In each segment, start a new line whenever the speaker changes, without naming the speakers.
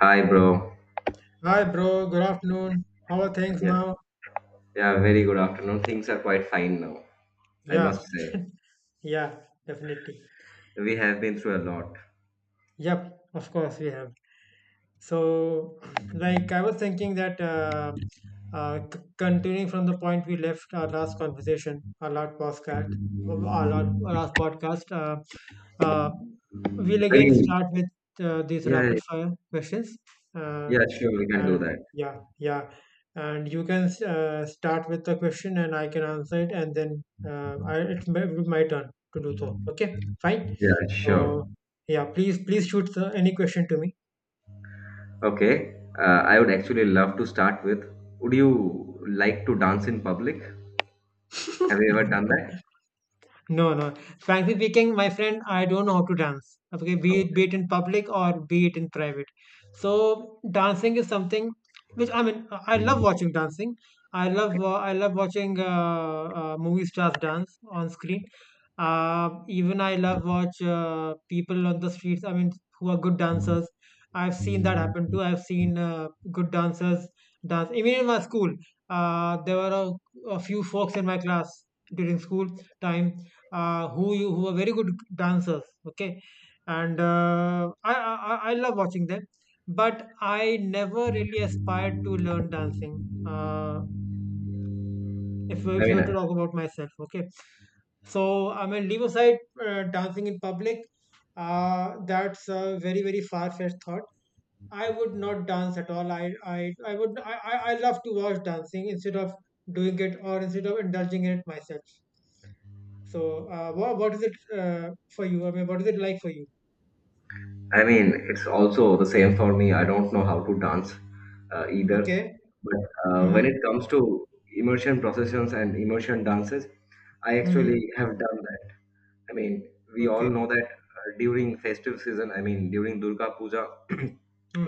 Hi, bro.
Hi, bro. Good afternoon. How are things
Yeah,
now?
yeah, very good afternoon. Things are quite fine now, I must
Yeah,
say.
yeah, definitely.
We have been through a lot.
Yep, of course we have. So, like I was thinking that continuing from the point we left our last conversation, our last podcast, our last our last podcast, uh, we'll again
Very,
start with these
yeah,
rapid fire questions. Uh,
yeah, sure, we can do
And
that.
yeah, yeah. And you can start with the question and I can answer it, and then it's my turn to do so. Okay, fine.
Yeah, sure.
So, yeah, please, please shoot any question to me.
Okay, I would actually love to start with, would you like to dance in public? Have you ever
No.
done that?
No, no. Frankly speaking, my friend, I don't know how to dance. Okay, be it in public or be it in private. So dancing is something which I mean, I love watching dancing. I love watching movie stars dance on screen. Even I love watch people on the streets. I mean, who are good dancers. I've seen that
Okay.
happen too. I've seen good dancers dance. Even in my school, there were a few folks in my class during school time, who are very good dancers, okay, and I love watching them, but I never really aspired to learn dancing. uh, if,
I
if you
mean,
were
I,
to talk about myself, okay, so I mean, leave aside dancing in public. That's a very very far-fetched thought. I would not dance at all. I i, I would I, I I love to watch dancing instead of doing it or instead of indulging in it myself. So, what is it for you? I mean, what is it like for you?
I mean, it's also the same for me. I don't know how to dance either.
Okay.
But when it
Mm-hmm.
comes to immersion processions and immersion dances, I actually
Mm-hmm.
have done that. I mean, we all
Okay.
know that during festive season, I mean, during Durga Puja,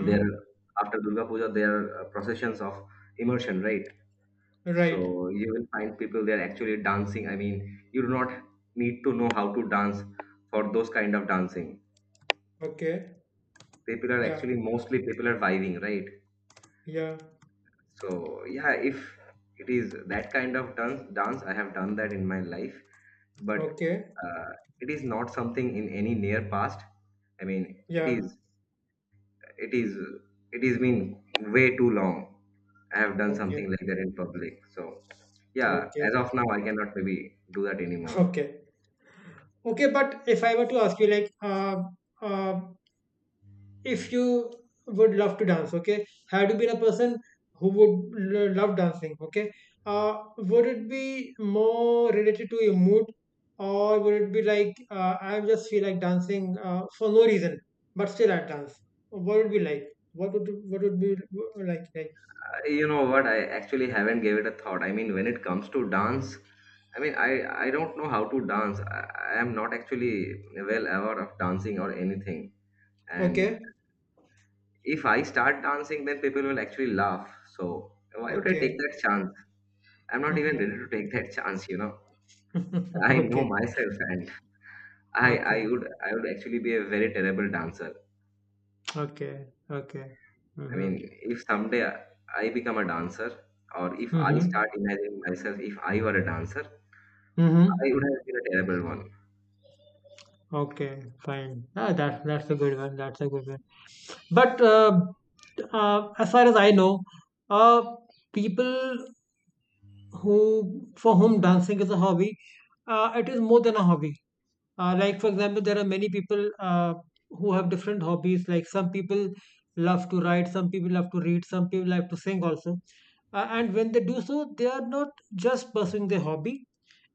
there after Durga Puja, there are processions of immersion, right?
Right.
So you will find people there actually dancing. I mean, you do not need to know how to dance for those kind of dancing.
Okay.
People are
Yeah.
actually mostly people are vibing, right?
Yeah.
So yeah, if it is that kind of dance, I have done that in my life, but
Okay.
uh, it is not something in any near past. I mean,
Yeah.
it is it is been way too long. I have done something
Okay.
like that in public. So yeah, as
Okay.
of now, I cannot maybe do that anymore.
Okay. Okay. But if I were to ask you, like, uh, if you would love to dance, okay, had you been a person who would love dancing, okay, would it be more related to your mood, or would it be like, I just feel like dancing for no reason but still I dance? What would it be like? What would be like
You know what, I actually haven't gave it a thought. I mean, when it comes to dance, i mean i I don't know how to dance. I am not actually well aware of dancing or anything. And
Okay.
if I start dancing, then people will actually laugh. So why would I take
Okay.
that chance? I'm not even ready to
Hmm.
take that chance, you know. I know
Okay.
myself, and I I
Okay.
would I would actually be a very terrible dancer.
Okay. Okay. Okay.
I
Mm-hmm.
mean, if someday I become a dancer, or if I start
Mm-hmm.
imagining myself if I were a dancer,
Mm-hmm.
I would have been a terrible one.
Okay, fine. Ah, that's a good one. That's a good one. But as far as I know, uh, people who for whom dancing is a hobby, it is more than a hobby. Like, for example, there are many people who have different hobbies. Like, some people love to write, some people love to read, some people love to sing also. And when they do so, they are not just pursuing their hobby.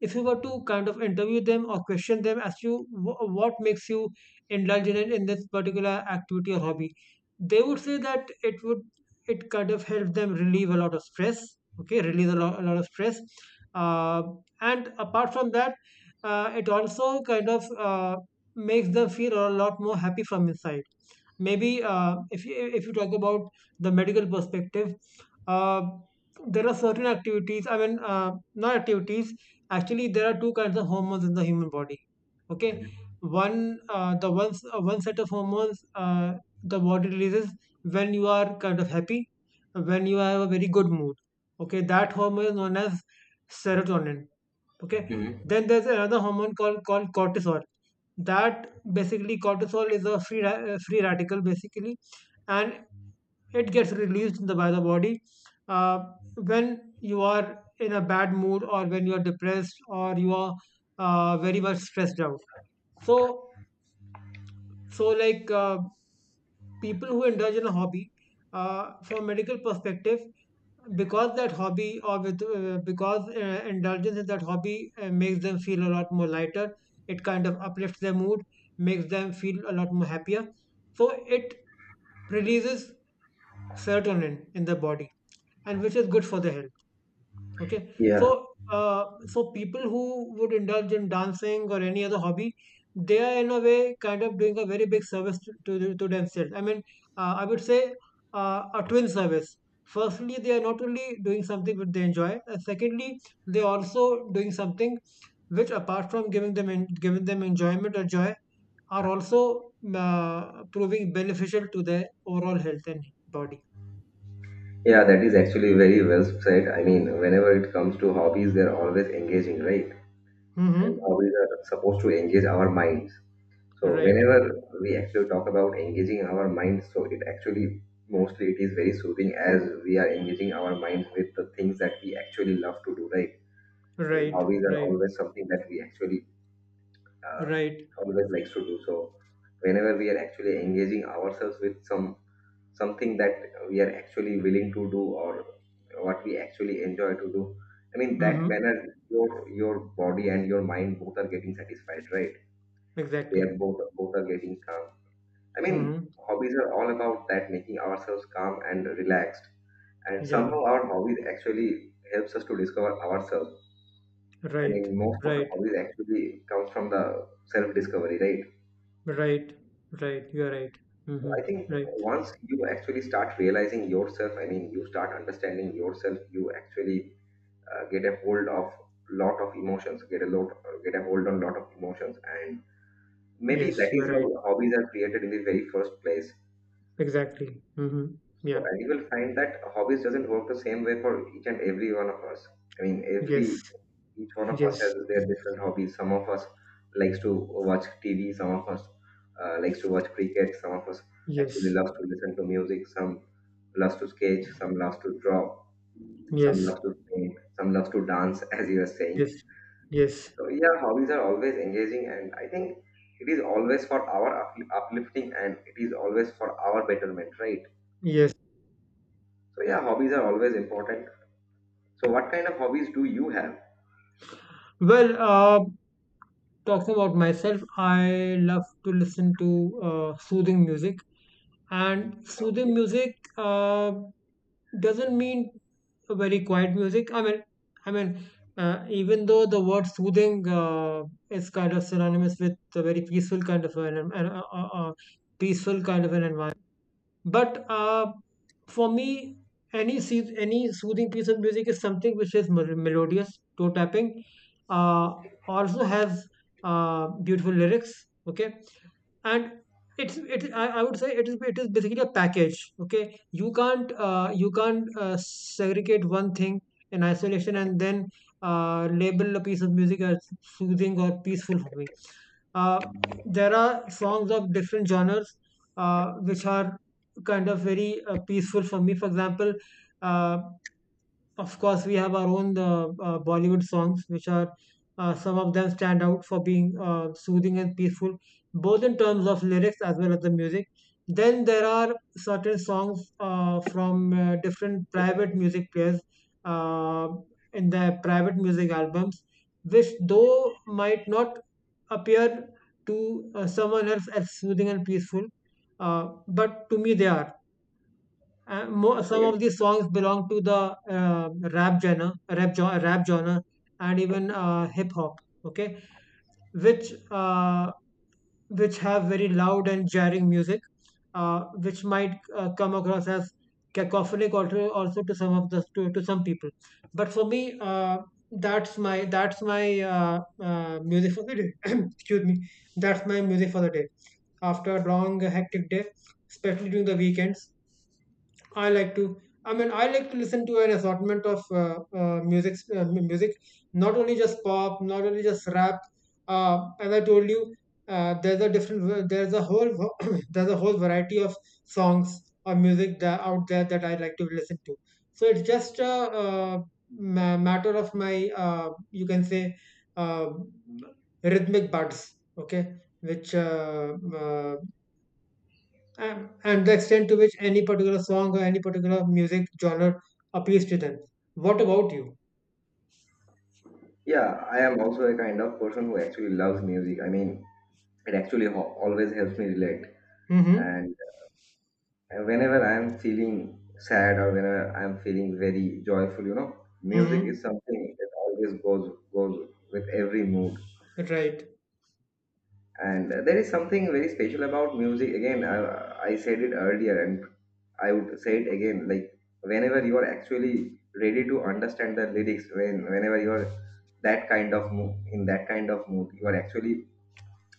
If you were to kind of interview them or question them as to what makes you indulge in this particular activity or hobby, they would say that it kind of help them relieve a lot of stress. Okay, release a lot of stress. Uh, and apart from that, it also kind of makes them feel a lot more happy from inside. Maybe if you talk about the medical perspective, uh, there are certain activities. I mean, not activities. Actually, there are two kinds of hormones in the human body. Okay, one set of hormones the body releases when you are kind of happy, when you have a very good mood. Okay, that hormone is known as serotonin, okay.
hmm
Then there's another hormone called cortisol. That Basically cortisol is a free free radical basically, and it gets released in the by the body uh, when you are in a bad mood or when you are depressed or you are very much stressed out. So so, like, people who indulge in a hobby, from a medical perspective, because indulgence in that hobby makes them feel a lot more lighter. It kind of uplifts their mood, makes them feel a lot more happier, so it releases serotonin in the body, and which is good for the health. Okay.
Yeah,
So, so, people who would indulge in dancing or any other hobby, they are in a way kind of doing a very big service to themselves. I mean, I would say, a twin service. Firstly, they are not only doing something which they enjoy, and secondly, they are also doing something which, apart from giving them enjoyment or joy, are also proving beneficial to their overall health and body.
yeah, that is actually very well said. I mean, whenever it comes to hobbies, they're always engaging, right? And
Mm-hmm.
hobbies are supposed to engage our minds. So
Right.
whenever we actually talk about engaging our minds, so it actually mostly it is very soothing as we are engaging our minds with the things that we actually love to do, right? I mean,
Right.
hobbies are
Right.
always something that we actually uh,
Right.
always likes to do. So whenever we are actually engaging ourselves with some something that we are actually willing to do or what we actually enjoy to do, I mean that
Mhm.
manner your body and your mind both are getting satisfied, right? They
Exactly.
are both are getting calm. I mean,
Mhm.
hobbies are all about that making ourselves calm and relaxed. And
Yeah.
somehow our hobbies actually helps us to discover ourselves. I
Right.
mean, most of the
Right.
hobbies actually comes from the self-discovery, right?
Right. Right. You're right.
So I
Mhm.
think
Right.
once you actually start realizing yourself, I mean, you start understanding yourself, you actually get a hold of lot of emotions, get a hold on lot of emotions, and maybe that
Yes,
is
you're
how
right.
hobbies are created in the very first place.
Exactly. Mhm.
So,
Yeah.
and you will find that hobbies doesn't work the same way for each and every one of us. I mean,
Yes.
every Each one of us
Yes.
has their different hobbies. Some of us likes to watch TV. Some of us likes to watch cricket. Some of us actually
Yes.
loves to listen to music. Some loves to sketch. Some loves to draw. Some
Yes.
loves to paint. Some loves to dance, as you were
Yes.
saying.
Yes.
So yeah, hobbies are always engaging, and I think it is always for our up- uplifting, and it is always for our betterment, right?
Yes.
So yeah, hobbies are always important. So, what kind of hobbies do you have?
Well, talking about myself, I love to listen to soothing music, and
Okay,
soothing music doesn't mean very quiet music. I mean, I mean, even though the word soothing is kind of synonymous with a very peaceful kind of an peaceful kind of an environment, but for me, any soothing piece of music is something which is melodious, toe tapping, uh, also has beautiful lyrics. Okay, and I would say it is basically a package, okay. You can't segregate one thing in isolation and then label a piece of music as soothing or peaceful for me. uh, there are songs of different genres which are kind of very peaceful for me, for example. uh, of course, we have our own Bollywood songs, which are some of them stand out for being soothing and peaceful, both in terms of lyrics as well as the music. Then there are certain songs from different private music players uh, in their private music albums, which though might not appear to someone else as soothing and peaceful, but to me they are. Mo Some
okay.
of these songs belong to the rap genre, and even hip hop. Okay, which uh, which have very loud and jarring music, which might come across as cacophonic also to some of to some people. But for me, that's my music for the day. Excuse me, that's my music for the day. After a long hectic day, especially during the weekends. I like to. I mean, I like to listen to an assortment of music, not only just pop, not only just rap. As I told you, there's a different, there's a whole, there's a whole variety of songs or music that out there that I like to listen to. So it's just a, uh matter of my, you can say, uh, rhythmic buds, okay, which uh, uh, and the extent to which any particular song or any particular music genre appeals to them. What about you?
Yeah, I am also a kind of person who actually loves music. I mean, it actually ho- always helps me relate.
Mm-hmm.
And whenever I am feeling sad or whenever I am feeling very joyful, you know, music
Mm-hmm.
is something that always goes with every mood.
Right.
And there is something very special about music. Again, I said it earlier and I would say it again. Like, whenever you are actually ready to understand the lyrics, whenever you are that kind of mood, in that kind of mood, you are actually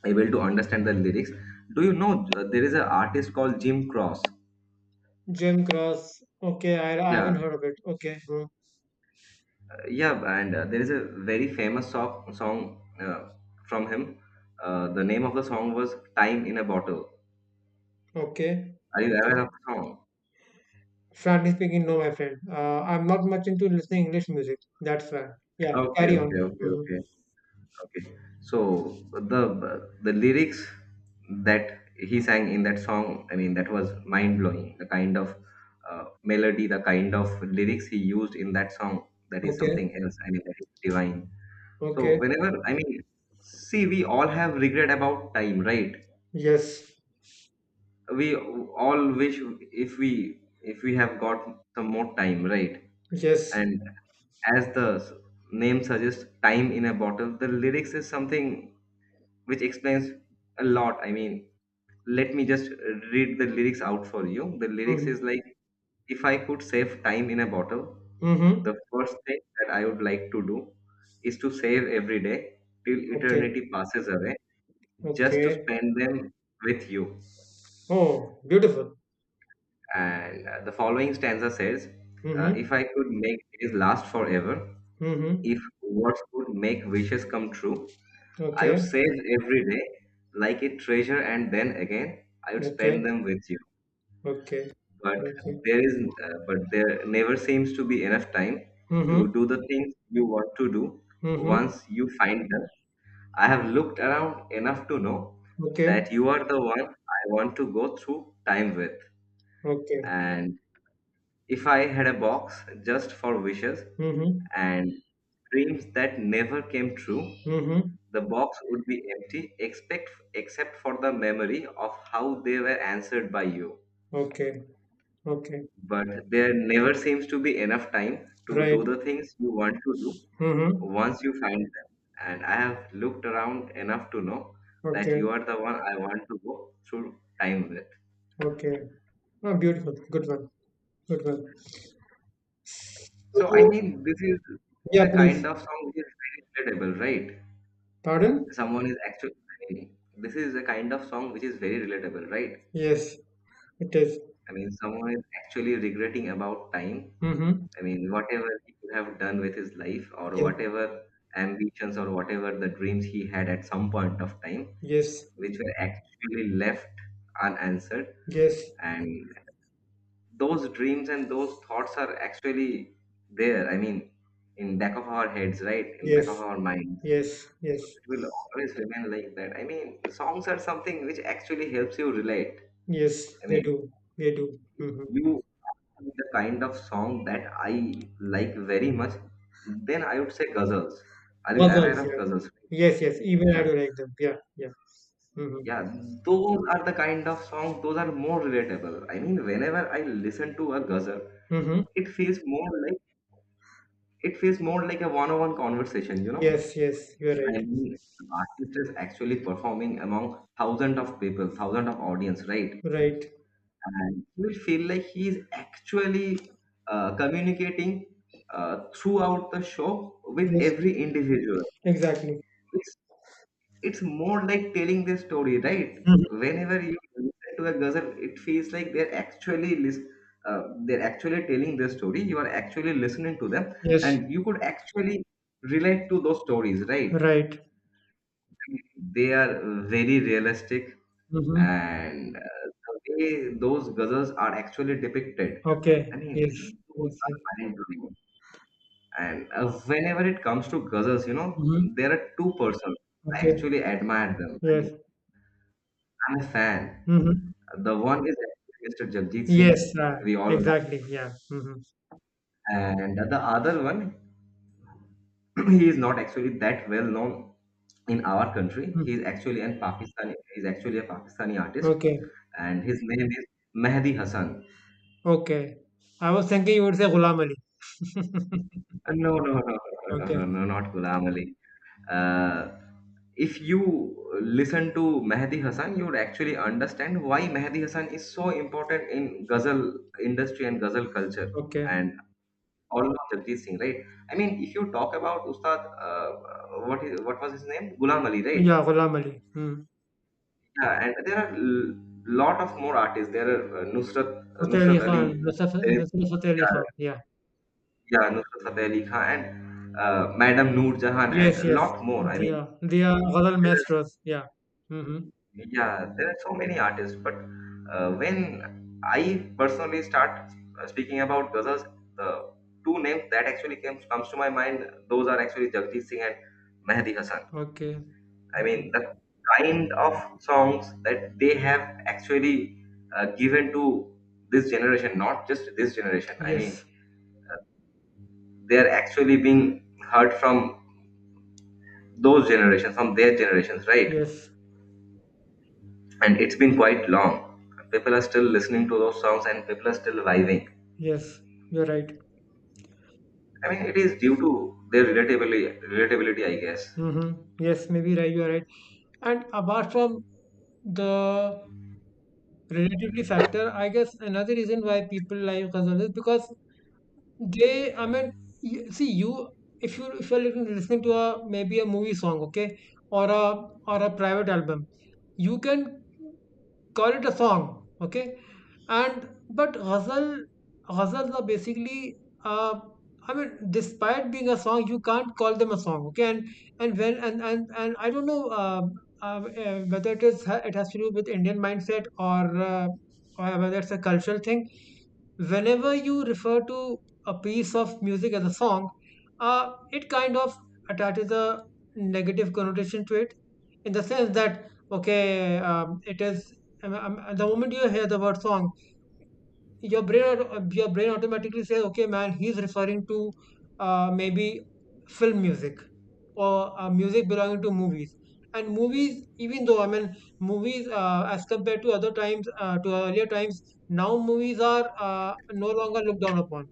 able to understand the lyrics. Do you know there is an artist called Jim Cross?
Jim Cross. Okay, I haven't
Yeah,
heard of it. Okay. Hmm.
yeah, and there is a very famous song from him. The name of the song was Time in a Bottle.
Okay.
Are you aware
Okay.
of the song?
Frankly speaking, no, my friend. I'm not much into listening English music. That's why. Yeah.
Okay,
Carry on.
okay, okay,
Mm-hmm.
okay. Okay. So the lyrics that he sang in that song, I mean, that was mind blowing. The kind of melody, the kind of lyrics he used in that song, that is
Okay.
something else. I mean, that is divine. So
Okay.
whenever, I mean, see, we all have regret about time, right?
Yes.
We all wish if we have got some more time, right?
Yes.
And as the s- name suggests, time in a bottle. The lyrics is something which explains a lot. I mean, let me just read the lyrics out for you. The lyrics is
Mm-hmm.
like, if I could save time in a bottle,
Mm-hmm.
the first thing that I would like to do is to save every day till
Okay.
eternity passes away, just to
Okay.
spend them with you.
Oh, beautiful.
And the following stanza says,
Mm-hmm.
if I could make days last forever,
Mm-hmm.
if words could make wishes come true, I would
Okay.
save every day like a treasure, and then again, I would
Okay.
spend them with you.
Okay.
but
Okay.
there is but there never seems to be enough time
Mm-hmm.
to do the things you want to do
Mm-hmm.
once you find them. I have looked around enough to know
Okay.
that you are the one I want to go through time with.
Okay.
And if I had a box just for wishes
Mm-hmm.
and dreams that never came true,
Mm-hmm.
the box would be empty except for the memory of how they were answered by you.
Okay. Okay.
But there never seems to be enough time to do
Right.
the things you want to do
Mm-hmm.
once you find them. And I have looked around enough to know that
Okay.
you are the one I want to go through time with.
Okay. Ah, beautiful. Good one. Good one.
So, I
So,
mean, this is
yeah,
a kind
please.
of song which is very relatable, right?
Pardon?
Someone is actually, I mean, this is a kind of song which is very relatable, right?
Yes, it is.
I mean, someone is actually regretting about time.
Mm-hmm.
I mean, whatever he could have done with his life, or
Yeah.
whatever ambitions, or whatever the dreams he had at some point of time,
Yes.
which were actually left unanswered.
Yes.
And those dreams and those thoughts are actually there. I mean, in back of our heads, right? In back
Yes.
of our minds.
Yes.
So
Yes.
it will always remain like that. I mean, songs are something which actually helps you relate.
Yes.
I
They
mean,
do. They do. Mm-hmm.
you the kind of song that I like very much, then I would say ghazals. Are you aware
Ghazals,
of
yeah.
ghazals?
Yes, yes. Even I
Yeah,
do like them. Yeah. Yeah. Mm-hmm.
yeah. Those are the kind of songs. Those are more relatable. I mean, whenever I listen to a ghazal,
Mm-hmm.
it feels more like it feels more like a one-on-one conversation. You know,
Yes, yes. You're right.
I mean, the artist is actually performing among thousands of people, thousands of audience, right?
Right.
And he will feel like he is actually communicating throughout the show with
Yes.
every individual.
Exactly.
It's, it's more like telling the story, right?
Mhm.
Whenever you listen to a ghazal, it feels like they're actually telling the story. You are actually listening to them,
Yes.
and you could actually relate to those stories, right?
Right.
They are very realistic
Mm-hmm.
and the way those ghazals are actually depicted, I
Okay. Yes.
mean, those
Yes.
are mind blowing. And whenever it comes to ghazals, you know,
Mm-hmm.
there are two persons. I
Okay.
actually admire them. I mean,
Yes.
I'm a fan.
Mm-hmm.
The one is Mr. Jagjit
Yes.
Singh,
Uh,
we all know,
exactly. Yeah. Mm-hmm.
and the other one, he is not actually that well known in our country. He
Mm.
is actually an Pakistani. He is actually a Pakistani artist,
Okay.
and his name is Mehdi Hassan.
Okay. I was thinking you would say Ghulam Ali.
No, no, no, no, no, no,
Okay.
no, not Ghulam Ali. Uh, if you listen to Mehdi Hasan, you would actually understand why Mehdi Hasan is so important in ghazal industry and ghazal culture,
Okay.
and all of Jagjit Singh, right? I mean, if you talk about Ustad, what was his name? Ghulam Ali, right?
Yeah. Ghulam Ali. Mm.
Yeah, and there are l- lot of more artists. There are uh,
Fateh Ali
Nusrat
Khan.
Ali,
Nasr
there is,
Nasr Fateh Ali
yeah,
Khan. Yeah.
yeah, Nusrat Fateh Ali Khan, and Madam Noor Jahan, and
Yes.
a
Yes.
lot more. I
They
mean.
are. They are Ghazal
There's,
maestros. Yeah. Mm-hmm.
yeah, there are so many artists, but when I personally start speaking about Ghazals, the two names that actually comes comes to my mind, those are actually Jagjit Singh and Mehdi Hasan.
Okay.
I
Okay.
mean, the kind of songs that they have actually given to this generation, not just this generation. I mean,
Yes.
they're actually being heard from those generations, from their generations, right?
Yes.
And it's been quite long. People are still listening to those songs, and people are still vibing.
Yes, you're right.
I mean, it is due to their relatability, I guess.
Hmm. Yes, maybe right, you're right. And apart from the relatively factor, I guess another reason why people like consumption is because I mean, see, if you're listening to a maybe a movie song, okay, or a private album, you can call it a song, okay? And but ghazals are basically, uh, I mean, despite being a song, you can't call them a song, okay? And when and I don't know whether it has to do with Indian mindset or or whether it's a cultural thing. Whenever you refer to a piece of music as a song, it kind of attaches a negative connotation to it, in the sense that, okay, the moment you hear the word song, your brain automatically says, okay, man, he's referring to maybe film music or music belonging to movies. And movies, even though, I mean, movies, as compared to other times, to earlier times, now movies are no longer looked down upon.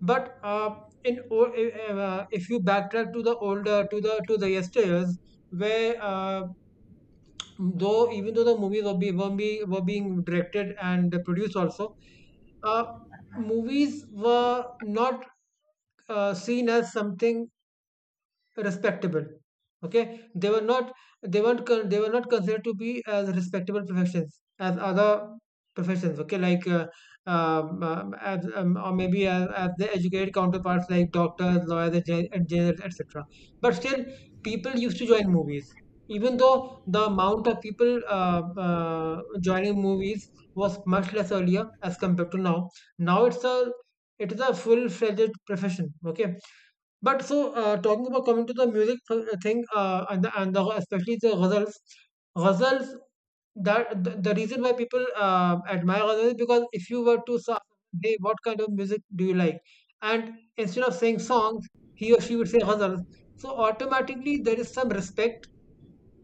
But in o- if you backtrack to the yesteryears, where though even though the movies were being directed and produced also, uh, movies were not seen as something respectable. Okay, they were not, they weren't con- they were not considered to be as respectable professions as other professions. Okay, like or maybe as the educated counterparts, like doctors, lawyers, engineers, etc. But still, people used to join movies, even though the amount of people joining movies was much less earlier as compared to now. Now it's a, it is a full-fledged profession. Okay, but so, talking about, coming to the music thing, and the especially the ghazals, ghazals, the reason why people admire ghazals is because if you were to say, hey, what kind of music do you like? And instead of saying songs, he or she would say ghazals. So automatically there is some respect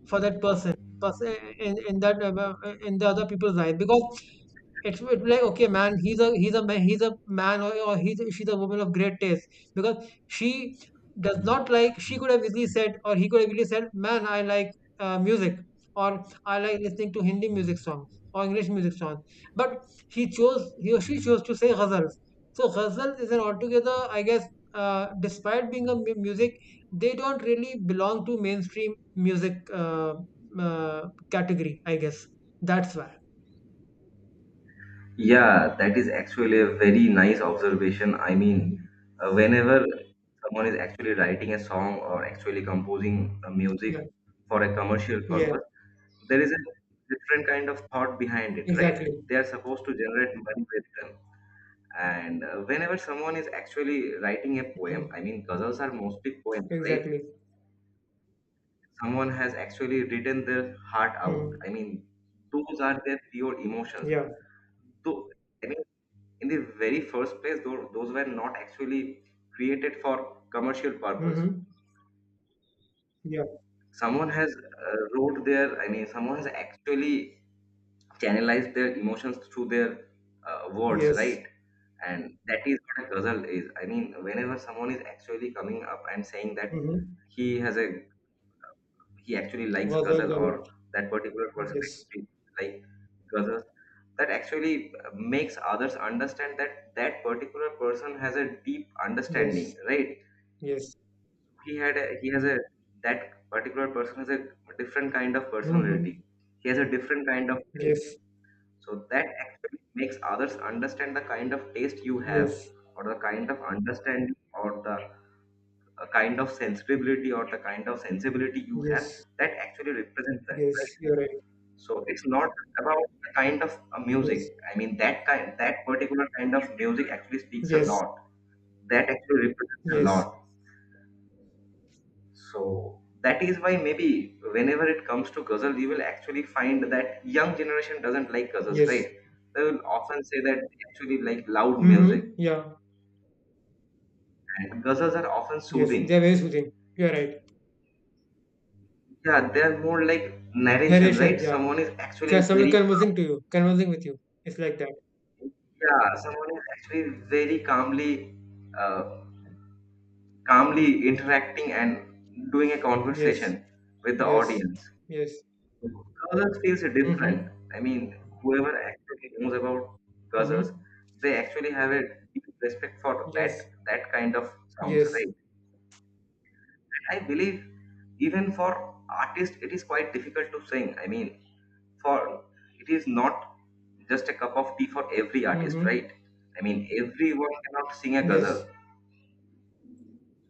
for that person, in that in the other people's eyes, because it's like, okay, man. He's a man. He's a man, or he's she's a woman of great taste, because she does not like, she could have easily said, or he could have easily said, "Man, I like music, or I like listening to Hindi music songs or English music songs." But he or she chose to say ghazals. So ghazals is an altogether, I guess. Despite being a music, they don't really belong to mainstream music category, I guess. That's why.
Yeah, that is actually a very nice observation. I mean,
Mhm.
whenever someone is actually writing a song or actually composing a
Yeah.
music for a commercial
Yeah.
purpose, there is a different kind of thought behind it, right?
Exactly.
They are supposed to generate money with them. And whenever someone is actually writing a poem,
Mhm.
I mean, ghazals are mostly poems, right?
Exactly.
Someone has actually written their heart out.
Mhm.
I mean, those are their pure emotions.
Yeah.
Though, I mean, in the very first place, those were not actually created for commercial purpose.
Hmm. Yeah.
Someone has wrote their, I mean, someone has actually channelized their emotions through their words,
Yes.
right? And that is what a ghazal is. I mean, whenever someone is actually coming up and saying that
Hmm
he has a he actually likes
was a
ghazal,
lot.
or that particular person
Yes.
actually like ghazals, that actually makes others understand that that particular person has a deep
Yes.
understanding, right?
Yes.
he had a, he has a That particular person has a different kind of
Hmm.
personality, he has a different kind of taste,
Yes.
so that actually makes others understand the kind of taste you have,
Yes.
or the kind of understanding, or the kind of sensibility, or the kind of sensibility you have,
Yes.
that actually represents that, right?
Yes. You're right.
So it's not about the kind of
Yes.
music. I mean, that kind, that particular kind of music actually speaks a
Yes.
lot. That actually represents a
Yes.
lot. So that is why maybe whenever it comes to ghazal, you will actually find that young generation doesn't like ghazals,
Yes.
right? They will often say that they actually like loud music,
Hmm. Yeah.
and ghazals are often
Yes.
soothing.
They're very soothing. You're right.
Yeah, they are more like narration, right?
Narrations. Yeah.
Someone is actually
'Cause someone
very
conversing to you, conversing with you. It's like that.
Yeah, someone is actually very calmly uh, calmly interacting and doing a
Yes.
conversation with the
Yes.
audience.
Yes.
Ghazals feels
Hmm.
different. I mean, whoever actually knows about ghazals,
Hmm.
they actually have a deep respect for
Yes.
that kind of songs,
Yes.
right? And I believe even for artists, it is quite difficult to sing. I mean, for it is not just a cup of tea for every artist,
Hmm.
right? I mean, everyone cannot sing a ghazal.
Yes.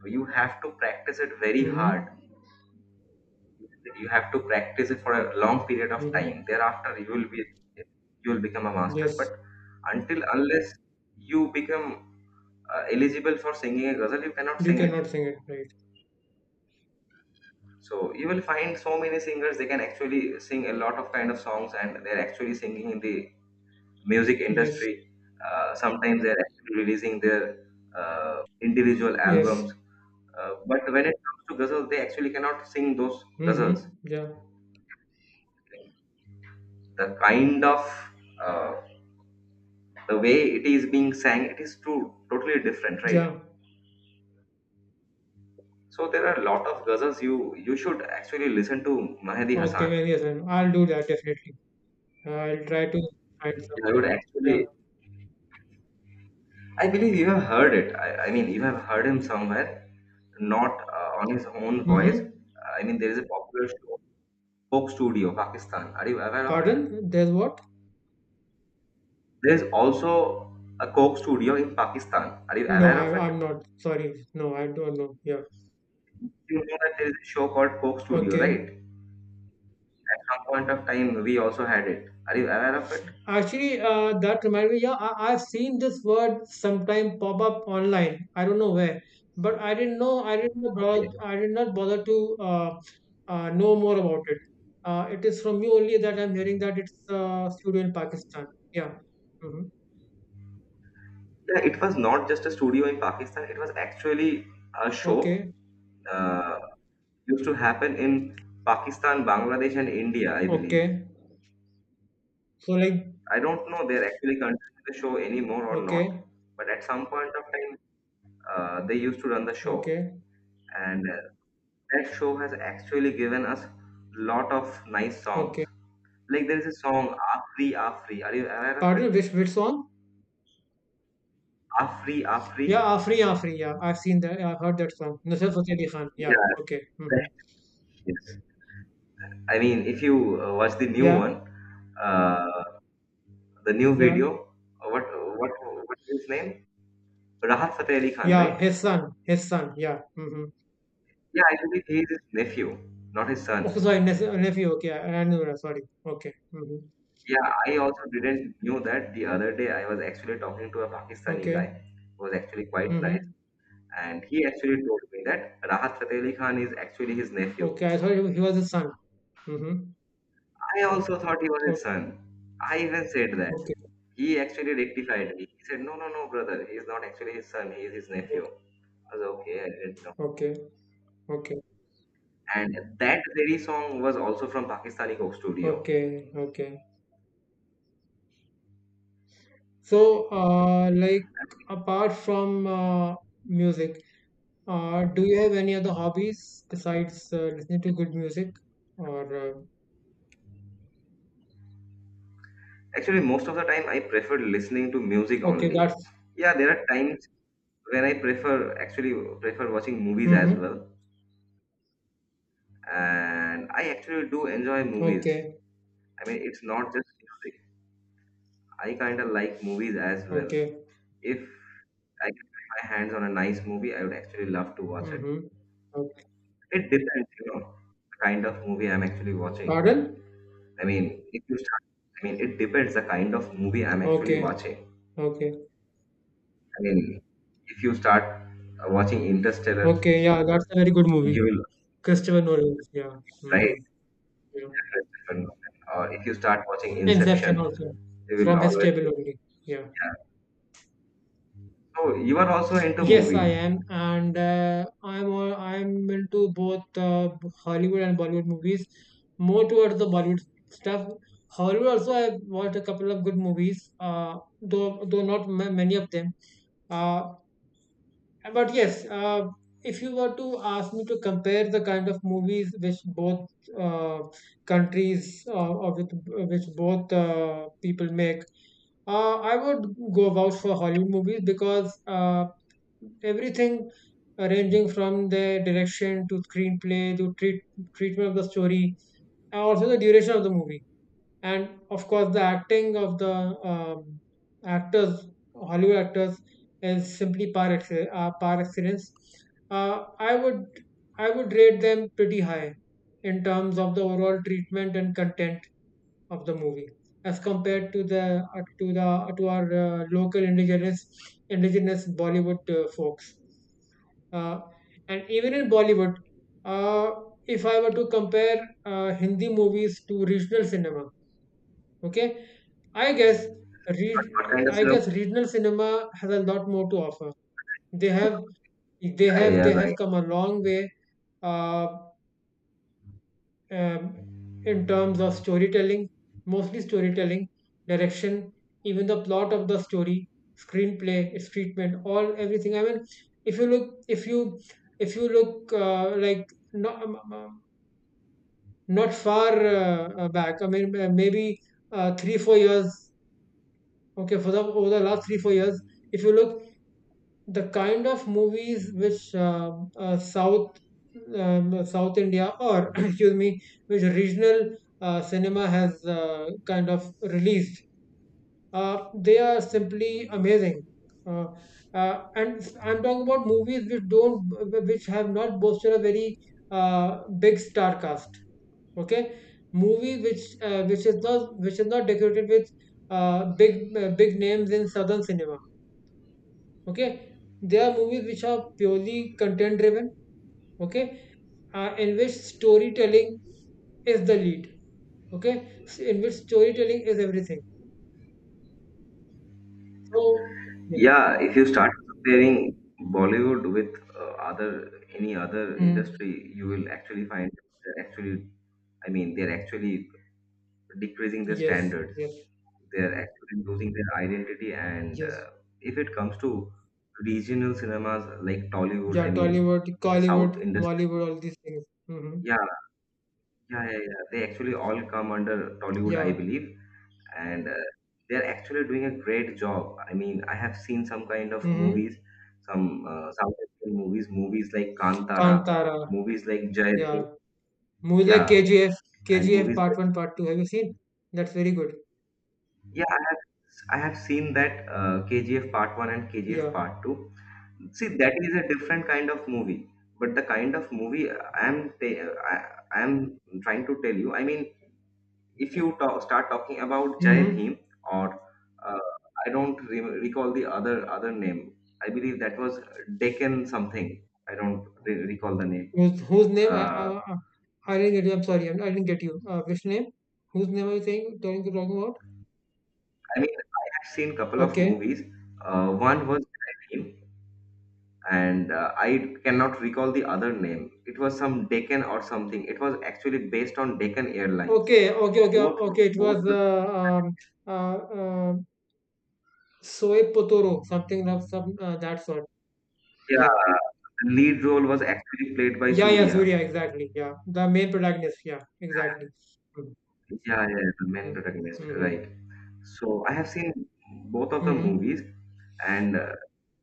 So you have to practice it very hard,
Mm-hmm.
you have to practice it for a long period of
Mm-hmm.
time, thereafter you will be you will become a master, but
Yes.
until unless you become eligible for singing a ghazal, you cannot
You
sing it.
cannot sing it, right?
So you will find so many singers, they can actually sing a lot of kind of songs, and they're actually singing in the music
Yes.
industry, sometimes they're actually releasing their individual
Yes.
albums, but when it comes to ghazals, they actually cannot sing those
Mm-hmm.
ghazals.
Yeah.
The kind of uh, the way it is being sang, it is too totally different, right?
Yeah.
So there are a lot of ghazals you you should actually listen to Mahdi
Okay,
Hasan.
well, yes, ma'am. I'll do that definitely. I'll try to find some
I
good
would
one. Yeah.
actually I believe you have heard it. I mean, you have heard him somewhere, not on his own voice.
Mm-hmm.
I mean, there is a popular show, Coke Studio Pakistan. Are you aware of it?
Pardon? There's what?
There is also a Coke Studio in Pakistan. Are you
No,
aware of
I,
it?
I'm not. Sorry. No, I don't know. Yeah.
You know that there is a show called Coke Studio, right?
Okay.
At some point of time we also had it. Are you aware of
Actually, that reminded me. Yeah, I've seen this word sometime pop up online. I don't know where, but I didn't know. I didn't know bother.
it?
I did not bother to know more about it. It is from you only that I'm hearing that it's studio in Pakistan. Yeah. Hmm.
Yeah, it was not just a studio in Pakistan. It was actually a show
Okay.
uh, used to happen in Pakistan, Bangladesh, and India, I believe.
Okay. So like.
I don't know they're actually continuing the show anymore or not,
Okay.
but at some point of time, they used to run the show,
Okay.
and that show has actually given us lot of nice
Okay.
songs. Like there is a song "Afri Afri." Are you aware of it?
Pardon. Which song?
"Afri Afri."
Yeah, Afri Afri. Yeah, I've seen that. I've heard that song. Nusrat Fateh Ali Khan. Yeah.
Yeah,
Okay. Hmm.
that is. I mean, if you watch the new
Yeah.
one. Uh, the new
Yeah.
video. What what is his name? Rahat Fateh Ali Khan,
Yeah,
right?
his son. Yeah. Mm-hmm.
Yeah, I believe he is his nephew, not his son.
Okay, sorry, nephew. Okay, I knew that. Sorry. Okay. Mm-hmm.
Yeah, I also didn't knew that. The other day I was actually talking to a Pakistani guy
Okay.
who was actually quite nice,
Mm-hmm.
and he actually told me that Rahat Fateh Ali Khan is actually his nephew.
Okay, I thought he was his son. Mm-hmm.
I also thought he was
Okay.
his son. I even said that.
Okay.
He actually rectified me. He said, "No, no, no, brother. He is not actually his son. He is his nephew." I was like, okay. I didn't know.
Okay. Okay.
And that very song was also from Pakistani Coke Studio.
Okay. Okay. So, like, apart from music, do you have any other hobbies besides listening to good music? Or
Actually, most of the time I prefer listening to music
okay,
only.
that's.
Yeah, there are times when I prefer watching movies as
Mm-hmm.
well. And I actually do enjoy movies.
Okay.
I mean, it's not just music. I kind of like movies as well.
Okay.
If I can put my hands on a nice movie, I would actually love to watch it.
Mm-hmm. Okay.
It depends, you know, the kind of movie I'm actually watching.
Pardon?
I mean, if you start, I mean, it depends the kind of movie I'm actually
Okay.
watching.
Okay.
I mean, if you start watching Interstellar,
Okay, yeah, that's a very good movie.
you will
Christopher Nolan, yeah. Hmm.
right.
Yeah.
Christopher Nolan. Or if you start watching Inception,
Inception also,
you will
from his
always
table
say,
only. Yeah.
yeah. So you are also into
Yes, I
movies.
am, and I'm into both Hollywood and Bollywood movies. More towards the Bollywood stuff. Hollywood also, I've watched a couple of good movies. Though not ma many of them. Uh, And But yes, if you were to ask me to compare the kind of movies which both uh, countries or with, which both people make, I would go vouch for Hollywood movies because everything ranging from the direction to screenplay to treatment of the story, and also the duration of the movie, and of course the acting of the um, actors, Hollywood actors, is simply par excellence. Uh, i would i would rate them pretty high in terms of the overall treatment and content of the movie, as compared to the to the to our local indigenous, indigenous Bollywood folks. uh, and even in Bollywood, uh, if I were to compare Hindi movies to regional cinema, okay, I guess,
But what kind of
I
film?
guess regional cinema has a lot more to offer. They have
Yeah,
they
yeah,
have
yeah,
they have
right.
come a long way, uh, um, in terms of storytelling, mostly storytelling, direction, even the plot of the story, screenplay, its treatment, all everything. I mean, if you look, if you if you look like, not um, um, not far back. I mean, maybe 3 4 years, okay, for the over the last 3 4 years, if you look, the kind of movies which uh, south south india, or excuse me, which regional cinema has kind of released, they are simply amazing. Uh, uh, and i'm talking about movies which don't which have not boasted a very big star cast. Okay, movie which is not decorated with big names in southern cinema. Okay, there are movies which are purely content driven. Okay, in which storytelling is the lead. Okay, in which storytelling is everything. So yeah.
Yeah, if you start comparing Bollywood with other any other
Mm.
industry, you will actually find they're actually, I mean, they're actually decreasing the
Yes.
standards.
Yes.
They're actually losing their identity, and
Yes.
if it comes to regional cinemas like Tollywood,
Yeah,
I mean,
tollywood,
to the
collywood,
south industry.
mollywood, all these things. Mm-hmm.
Yeah yeah yeah, yeah. they actually all come under Tollywood, I
Yeah.
believe, and they're actually doing a great job. I mean, I have seen some kind of
Mm-hmm.
movies, some south Indian movies, movies like Kantara,
Kantara.
movies like Jai
Yeah,
Bhim,
movies like
yeah,
KGF.
and
KGF
movies like
part 1, part 2, have you seen? That's very good.
yeah, I have I have seen that KGF part 1 and KGF
Yeah.
part 2. See, that is a different kind of movie, but the kind of movie I'm trying to tell you. I mean, if you start talking about Jai
Mm-hmm.
Bhim, or uh, I don't recall the other other name. I believe that was Deccan something. I don't recall the name.
Whose whose name? I
Uh,
I I I didn't get you. I'm sorry. I didn't get you. Which name? Whose name are you saying? Talking about?
I mean, I have seen couple of
Okay.
movies. One was Jai Bhim, and I cannot recall the other name. It was some Deccan or something. It was actually based on Deccan Airlines.
Okay. Okay. Okay.
Both,
Okay. It
both
was
the
uh, uh Soe Potoro. Something of some that sort. Yeah.
yeah, the lead role was actually played by
Yeah. Yeah.
Surya.
Surya. Exactly. Yeah. The main protagonist. Yeah. Exactly. Mm-hmm.
Yeah, yeah, the main
Mm-hmm.
protagonist,
Mm-hmm.
right. So I have seen both of the
Mm-hmm.
movies, and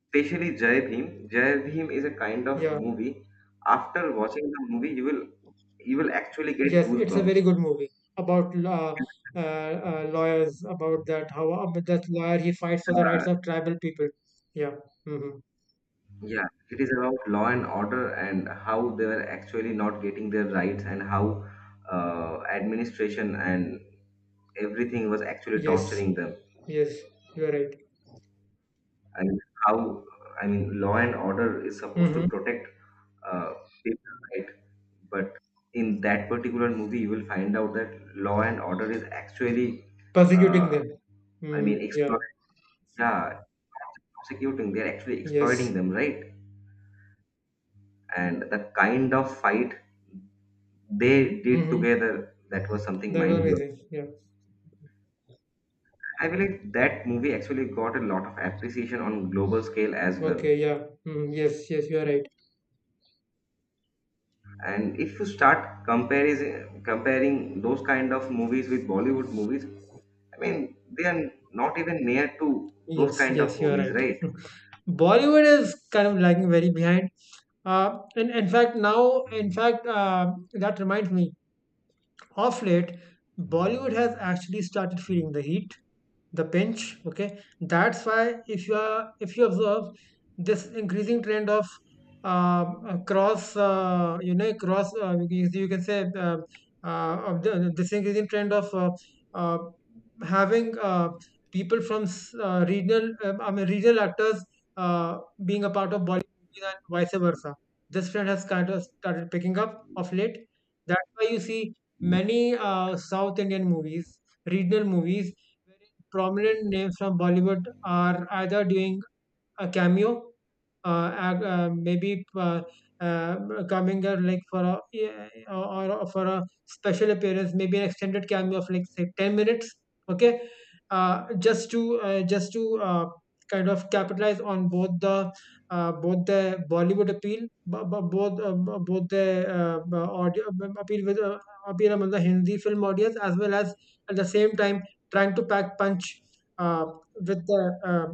especially Jai Bhim. Jai Bhim is a kind of
Yeah.
movie. After watching the movie, you will actually get
Yes, it's a
goosebumps.
very good movie about lawyers, about that how that lawyer, he fights for the
Uh,
rights of tribal people. Yeah. Hmm.
Yeah, it is about law and order, and how they were actually not getting their rights, and how administration and everything was actually
Yes.
torturing them.
Yes. You're right.
And how I mean, law and order is supposed to
Hmm.
protect uh, people, right? But in that particular movie, you will find out that law and order is actually,
Persecuting
uh,
them.
I
Hmm.
mean,
Yeah.
exploit. Yeah, prosecuting. They're actually exploiting
Yes.
them, right? And the kind of fight they did
Hmm.
together, that was something
That was
mind blowing.
amazing. Yeah.
I believe that movie actually got a lot of appreciation on global scale as well.
Okay. Yeah. Hmm. Yes. Yes. You're right.
And if you start comparing those kind of movies with Bollywood movies, I mean, they are not even near to those
Yes.
kind of
Yes. You're
movies,
right.
right?
Bollywood is kind of lagging very behind. And in fact, now, in fact, that reminds me. Of late, Bollywood has actually started feeling the heat, the pinch, okay. That's why, if you are if you observe this increasing trend of cross you know, cross you can say, this increasing trend of uh, having people from regional I mean, regional actors uh, being a part of Bollywood movies and vice versa. This trend has kind of started picking up of late. That's why you see many south Indian movies, regional movies, prominent names from Bollywood are either doing a cameo, ag- maybe uh, coming there, like for a yeah, or for a special appearance, maybe an extended cameo of like, say, 10 minutes. Okay, just to kind of capitalize on both the Bollywood appeal, b- b- both the b- audio b- appeal with appeal among the Hindi film audience, as well as at the same time trying to pack punch uh, with the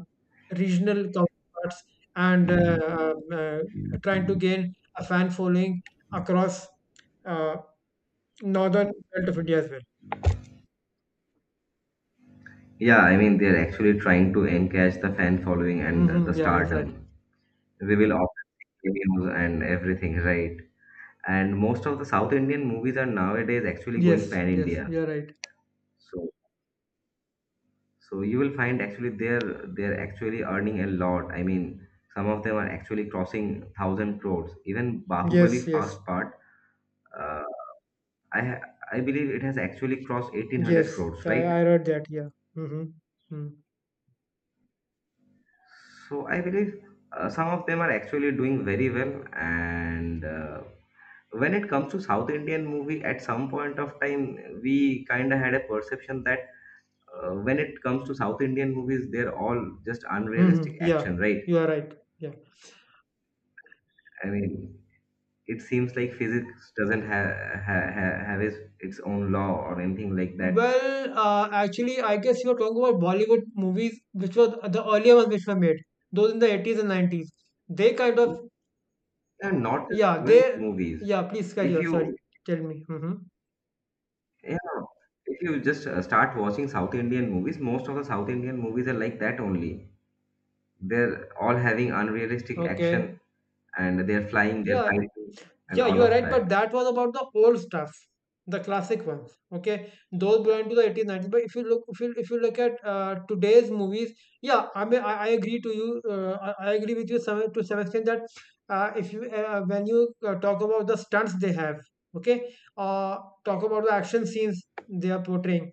regional parts, and trying to gain a fan following across uh, northern belt of India as well.
Yeah, I mean, they're actually trying to encash the fan following and the
Hmm. Yeah,
stardom.
exactly.
We will often see cameos and everything, right? And most of the south Indian movies are nowadays actually going
Yes,
pan
yes,
India,
you're right.
so So you will find actually they're actually earning a lot. I mean, some of them are actually crossing 1,000 crores. Even
Yes,
Bahubali
yes,
first part, uh, I ha- I believe it has actually crossed 1,800
yes.
crores,
I,
right?
I read that. Yeah. Mm-hmm. Mm-hmm.
So I believe some of them are actually doing very well. And when it comes to South Indian movie, at some point of time, we kind of had a perception that when it comes to South Indian movies, they're all just unrealistic
Mm-hmm. Yeah,
action, right?
you are right. Yeah.
I mean, it seems like physics doesn't have have its own law or anything like that.
Well, actually, I guess you are talking about Bollywood movies, which were the earlier ones which were made, those in the 80s and 90s. They kind
They
of,
are not just
yeah,
foreign
they,
movies.
yeah, please carry
If
on. Sorry,
you
tell me. Mm-hmm.
yeah, if you just start watching South Indian movies, most of the South Indian movies are like that only. They're all having unrealistic
Okay.
action, and they're flying, they're
Yeah,
fighting, and
yeah,
all
you are
of
right, but
that.
that was about the old stuff, the classic ones. Okay, those belong to the 80s, 90s. But if you look at today's movies, yeah, I mean, I agree to you. I agree with you some, to some extent, that if you when you talk about the stunts they have, okay, uh, talk about the action scenes they are portraying,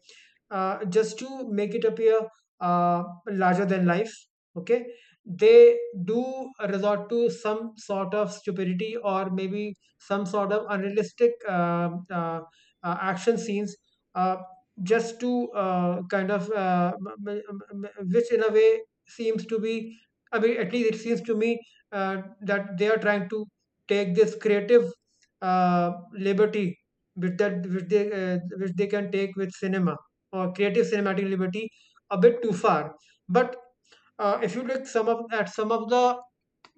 just to make it appear larger than life. Okay, they do resort to some sort of stupidity, or maybe some sort of unrealistic action scenes, uh, just to kind of, m- which in a way seems to be, I mean, at least it seems to me, uh, that they are trying to take this creative liberty with that, which they can take with cinema, or creative cinematic liberty, a bit too far. But if you look some of at some of the,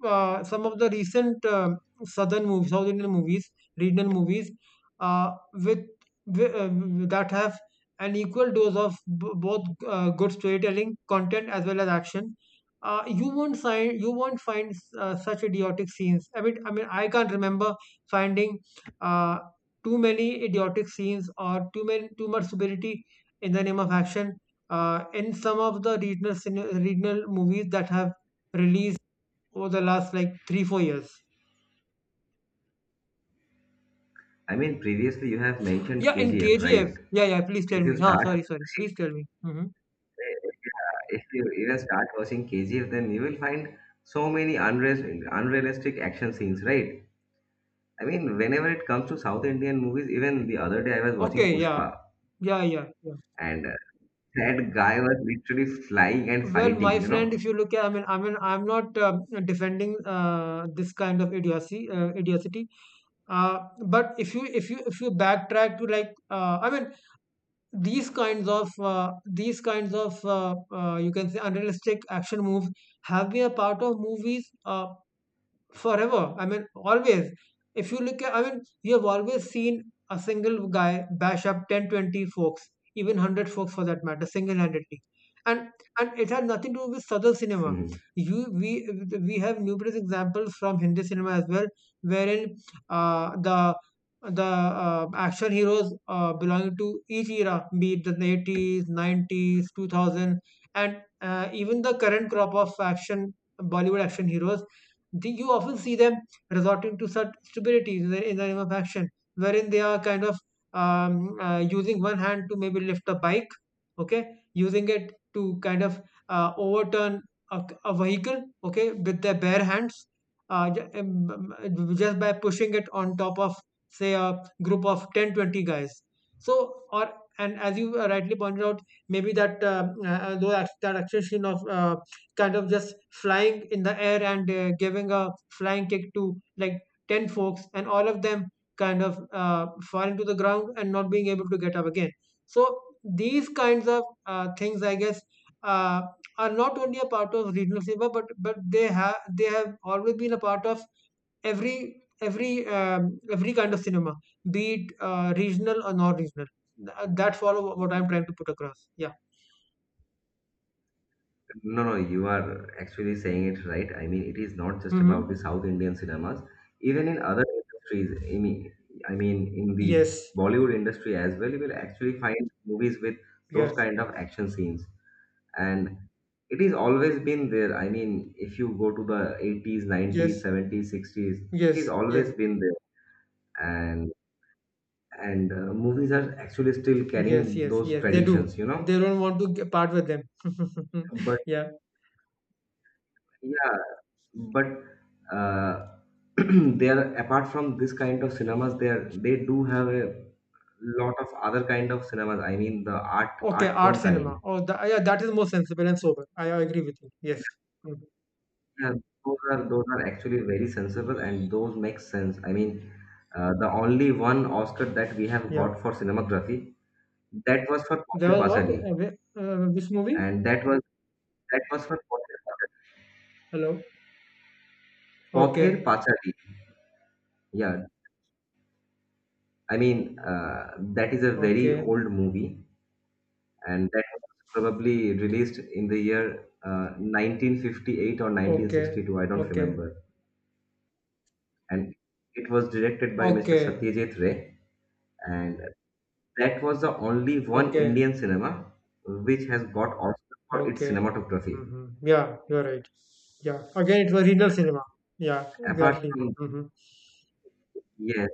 some of the recent southern movies, South Indian movies, regional movies, uh, with, wi- uh, that have an equal dose of both, good storytelling, content, as well as action. You won't find such idiotic scenes. I mean, I can't remember finding uh, too many idiotic scenes, or too much stupidity in the name of action, in some of the regional movies that have released over the last like 3 4 years.
I mean, previously you have mentioned
Yeah, in
KGF,
KGF.
right?
Yeah, yeah, please tell
If you
me. Ah,
start
sorry, sorry, please tell me. Mhm.
Yeah, if you even start watching KGF, then you will find so many unrealistic action scenes, right? I mean, whenever it comes to South Indian movies, even the other day I was watching
Okay, yeah.
Pushpa,
Yeah, yeah, yeah.
and that guy was literally flying and
Well,
fighting,
my
you
friend,
know?
if you look at, I mean, I'm not defending this kind of idiocy, idiocy. Uh, but if you backtrack to, like, I mean, these kinds of, you can say, unrealistic action moves have been a part of movies. Forever. I mean, always. If you look at, I mean, you have always seen a single guy bash up 10, 20 folks, even 100 folks for that matter, single-handedly. And and it had nothing to do with Southern cinema.
Hmm.
You we have numerous examples from Hindi cinema as well, wherein uh, the the action heroes belonging to each era, be it the 80s, 90s, 2000, and even the current crop of action Bollywood action heroes, you often see them resorting to such stupidity in in the name of action, wherein they are kind of using one hand to maybe lift a bike, okay, using it to kind of overturn a a vehicle, okay, with their bare hands, uh, just by pushing it on top of, say, a group of 10 20 guys. So, or, and as you rightly pointed out, maybe that though that action of kind of just flying in the air, and giving a flying kick to like 10 folks, and all of them kind of falling to the ground and not being able to get up again. So, these kinds of things, I guess, uh, are not only a part of regional cinema, but they have always been a part of every kind of cinema, be it regional or non-regional. That's all what I'm trying to put across. Yeah.
No, no, you are actually saying it right. I mean, it is not just about the
Hmm.
South Indian cinemas. Even in other industries, I mean, in the
Yes,
Bollywood industry as well, you will actually find movies with those
yes,
kind of action scenes. And it is always been there. I mean, if you go to the 80s, 90s,
yes.
70s, 60s, it
Yes,
is always
yes,
been there. And and movies are actually still
yes,
carrying
yes,
those
yes. They do.
traditions,
They don't want to get part with them.
but
Yeah.
yeah, but uh, they are, apart from this kind of cinemas, they do have a lot of other kind of cinemas. I mean, the art
Okay,
art
art
film
cinema.
kind.
Oh, tha yeah, that is more sensible and sober. I agree with you. Yes. Mm,
Yeah, those are actually very sensible and those make sense. I mean, the only one Oscar that we have
yeah.
got for cinematography, that was for
There
Pother
was what?
Pachadi,
Which movie?
and that was for Pother Pachadi.
Hello.
Pother
Okay.
Pachadi. Yeah, I mean that is a very
Okay.
old movie, and that was probably released in the year 1958 or
Okay.
1962. I don't
Okay.
remember, and it was directed by Mr.
Okay.
Satyajit Ray, and that was the only one
Okay.
Indian cinema which has got Oscar for its
Okay.
cinematography.
Mm-hmm. Yeah, you're right. Yeah. Again, it was regional cinema. Yeah,
Apart
exactly.
from,
Mm-hmm.
yes,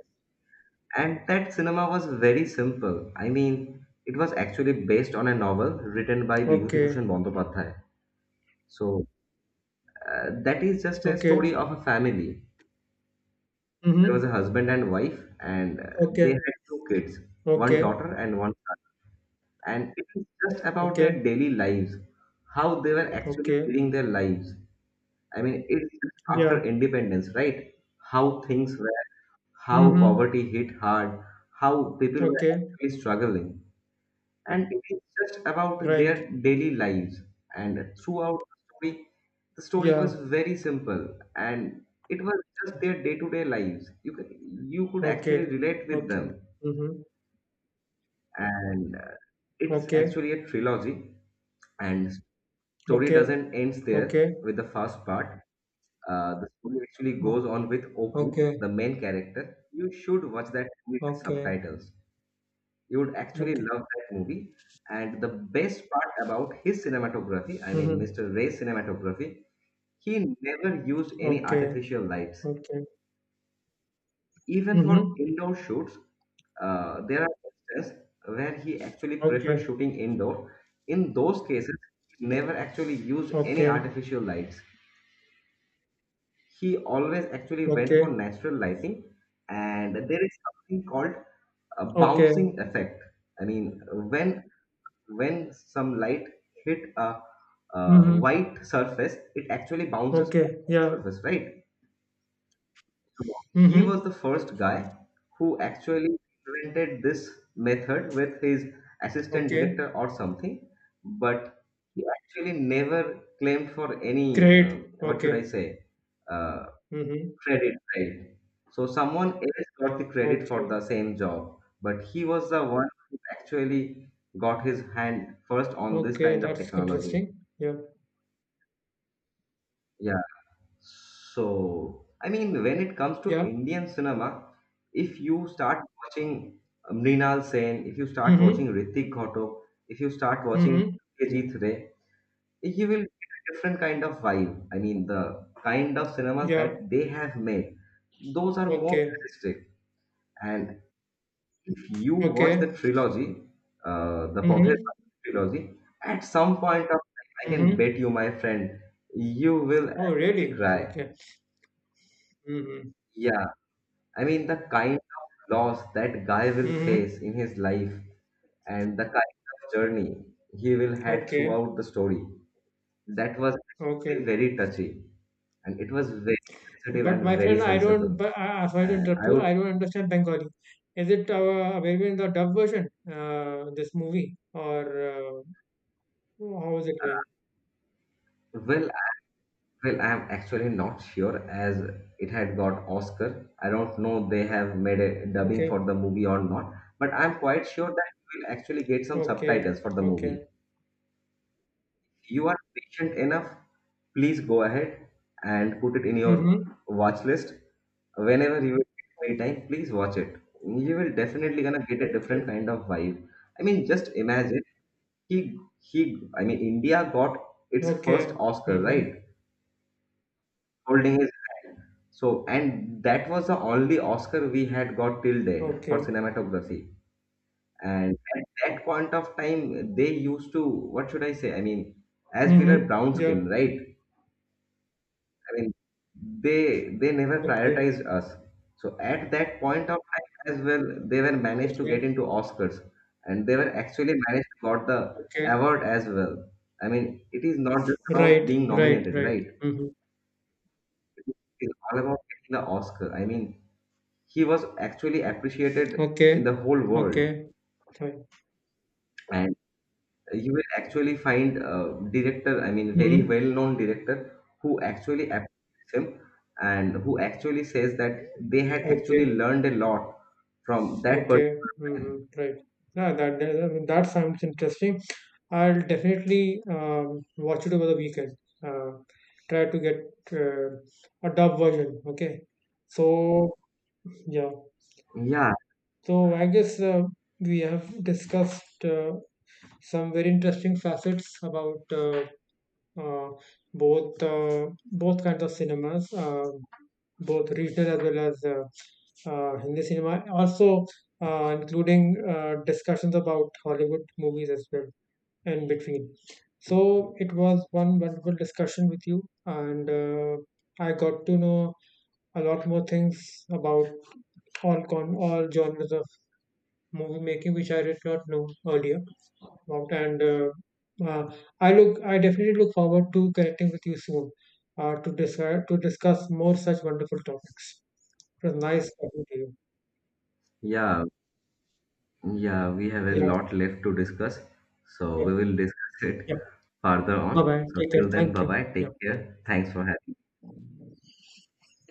and that cinema was very simple. I mean, it was actually based on a novel written by Bibhuti
Okay.
Bhushan Bandopadhyay. So that is just a story
Okay.
of a family. There was a
Mm-hmm.
husband and wife, and they
Okay.
had two kids, one daughter
Okay.
and one son. And it is just about their
Okay.
daily lives, how they were actually
Okay.
living their lives. I mean, it's
Yeah.
after independence, right? How things were, how
Mm-hmm.
poverty hit hard, how people were
Okay.
actually struggling. And it is just about
Right.
their daily lives. And throughout the story
Yeah.
was very simple, and it was just their day-to-day lives. You could
Okay.
actually relate with
Okay.
them.
Mm-hmm.
And it's
Okay.
actually a trilogy. And story
Okay.
doesn't ends there
Okay.
with the first part. The story actually goes
Oh,
on with Oppu,
okay.
the main character. You should watch that movie with
Okay.
subtitles. You would actually
Okay.
love that movie. And the best part about his cinematography, I mean,
Mm-hmm.
Mr. Ray's cinematography, he never used any
Okay.
artificial lights.
Okay.
Even for
Mm-hmm.
indoor shoots, there are instances where he actually preferred
Okay.
shooting indoor. In those cases, he never actually used any
Okay.
artificial lights. He always actually went for
Okay.
natural lighting, and there is something called a
Okay.
bouncing effect. I mean, when some light hit a,
Mm-hmm.
white surface, it actually bounces off
Okay.
the
Yeah.
surface, right? So he was
Mm-hmm.
the first guy who actually invented this method with his assistant director
Okay.
or something. But he actually never claimed for any,
Great.
what should I
Okay.
say, uh,
Mm-hmm.
credit, right. So someone else got the credit for the
Okay.
same job, but he was the one who actually got his hand first on this
Okay.
kind of
That's
technology.
interesting. Yeah.
Yeah. So, I mean, when it comes to
Yeah.
Indian cinema, if you start watching Mrinal Sen, if you start watching
Mm-hmm.
Ritik Ghatok, if you start watching
Mm-hmm.
Ajit Ray, you will get a different kind of vibe. I mean, the kind of cinemas
Yeah.
that they have made, those are more
Okay,
realistic. And if you watch the
okay.
trilogy, the
Mhm,
Pothet trilogy, at some point of time, I can
mhm.
bet you, my friend, you will
Oh,
actually
really?
cry.
Okay. Mhm,
Yeah, I mean, the kind of loss that guy will
mhm.
face in his life and the kind of journey he will had
Okay,
throughout the story, that was actually
okay.
very touchy, and it was very sensitive
But
and
my
very
friend, I don't.
sensible.
But sorry to
And
interrupt
I
you.
would,
I don't understand Bengali. Is it available in the dub version? This movie? Or how is it like?
well, Well, I'm actually not sure as it had got Oscar. I don't know they have made a dubbing for
Okay,
the movie or not, but I'm quite sure that you will actually get some
okay,
subtitles for the movie.
okay.
You are patient enough, please go ahead and put it in your
Mhm.
watch list. Whenever you get free
Okay,
time, please watch it. You will definitely gonna get a
okay,
different kind of vibe. I mean, just imagine he. I mean, India got its first
okay.
Oscar,
Mhm.
right? Holding his hand. So, and that was the only Oscar we had got till then for
Okay.
cinematography. And at that point of time, they used to, what should I say? I mean, as we were
Mhm.
brown
Yeah.
skin, right? I mean, they never
Okay.
prioritized us. So at that point of time as well, they were managed to get
Okay.
into Oscars, and they were actually managed to got the
Okay.
award as well. I mean, it is not just about
Right.
being
Right.
nominated,
Right.
right?
Mhm.
It's all about getting the Oscar. I mean, he was actually appreciated in
Okay,
the whole world,
okay, fine.
and you will actually find a director, I mean, very
Hmm.
well known director who actually appreciates him and who actually says that they had actually
Okay,
learned a lot from that
okay.
particular
Hmm,
man.
right. Yeah, that sounds interesting. I'll definitely watch it over the weekend. Uh, Try to get uh, a dub version. Okay, so, yeah,
Yeah.
so I guess we have discussed some very interesting facets about, uh, both kinds of cinemas. Both regional, as well as Hindi cinema, also including discussions about Hollywood movies as well, in between. So it was one wonderful discussion with you, and I got to know a lot more things about all genres of movie making, which I did not know earlier about. And uh, I definitely look forward to connecting with you soon, to discuss more such wonderful topics. It was nice talking to you.
Yeah, yeah, we have a
Yeah,
lot left to discuss, so
yeah,
we will discuss it
yeah.
further on.
Bye bye.
So
Take care.
till then,
Thank
bye
you.
bye,
Yeah.
take care, thanks for having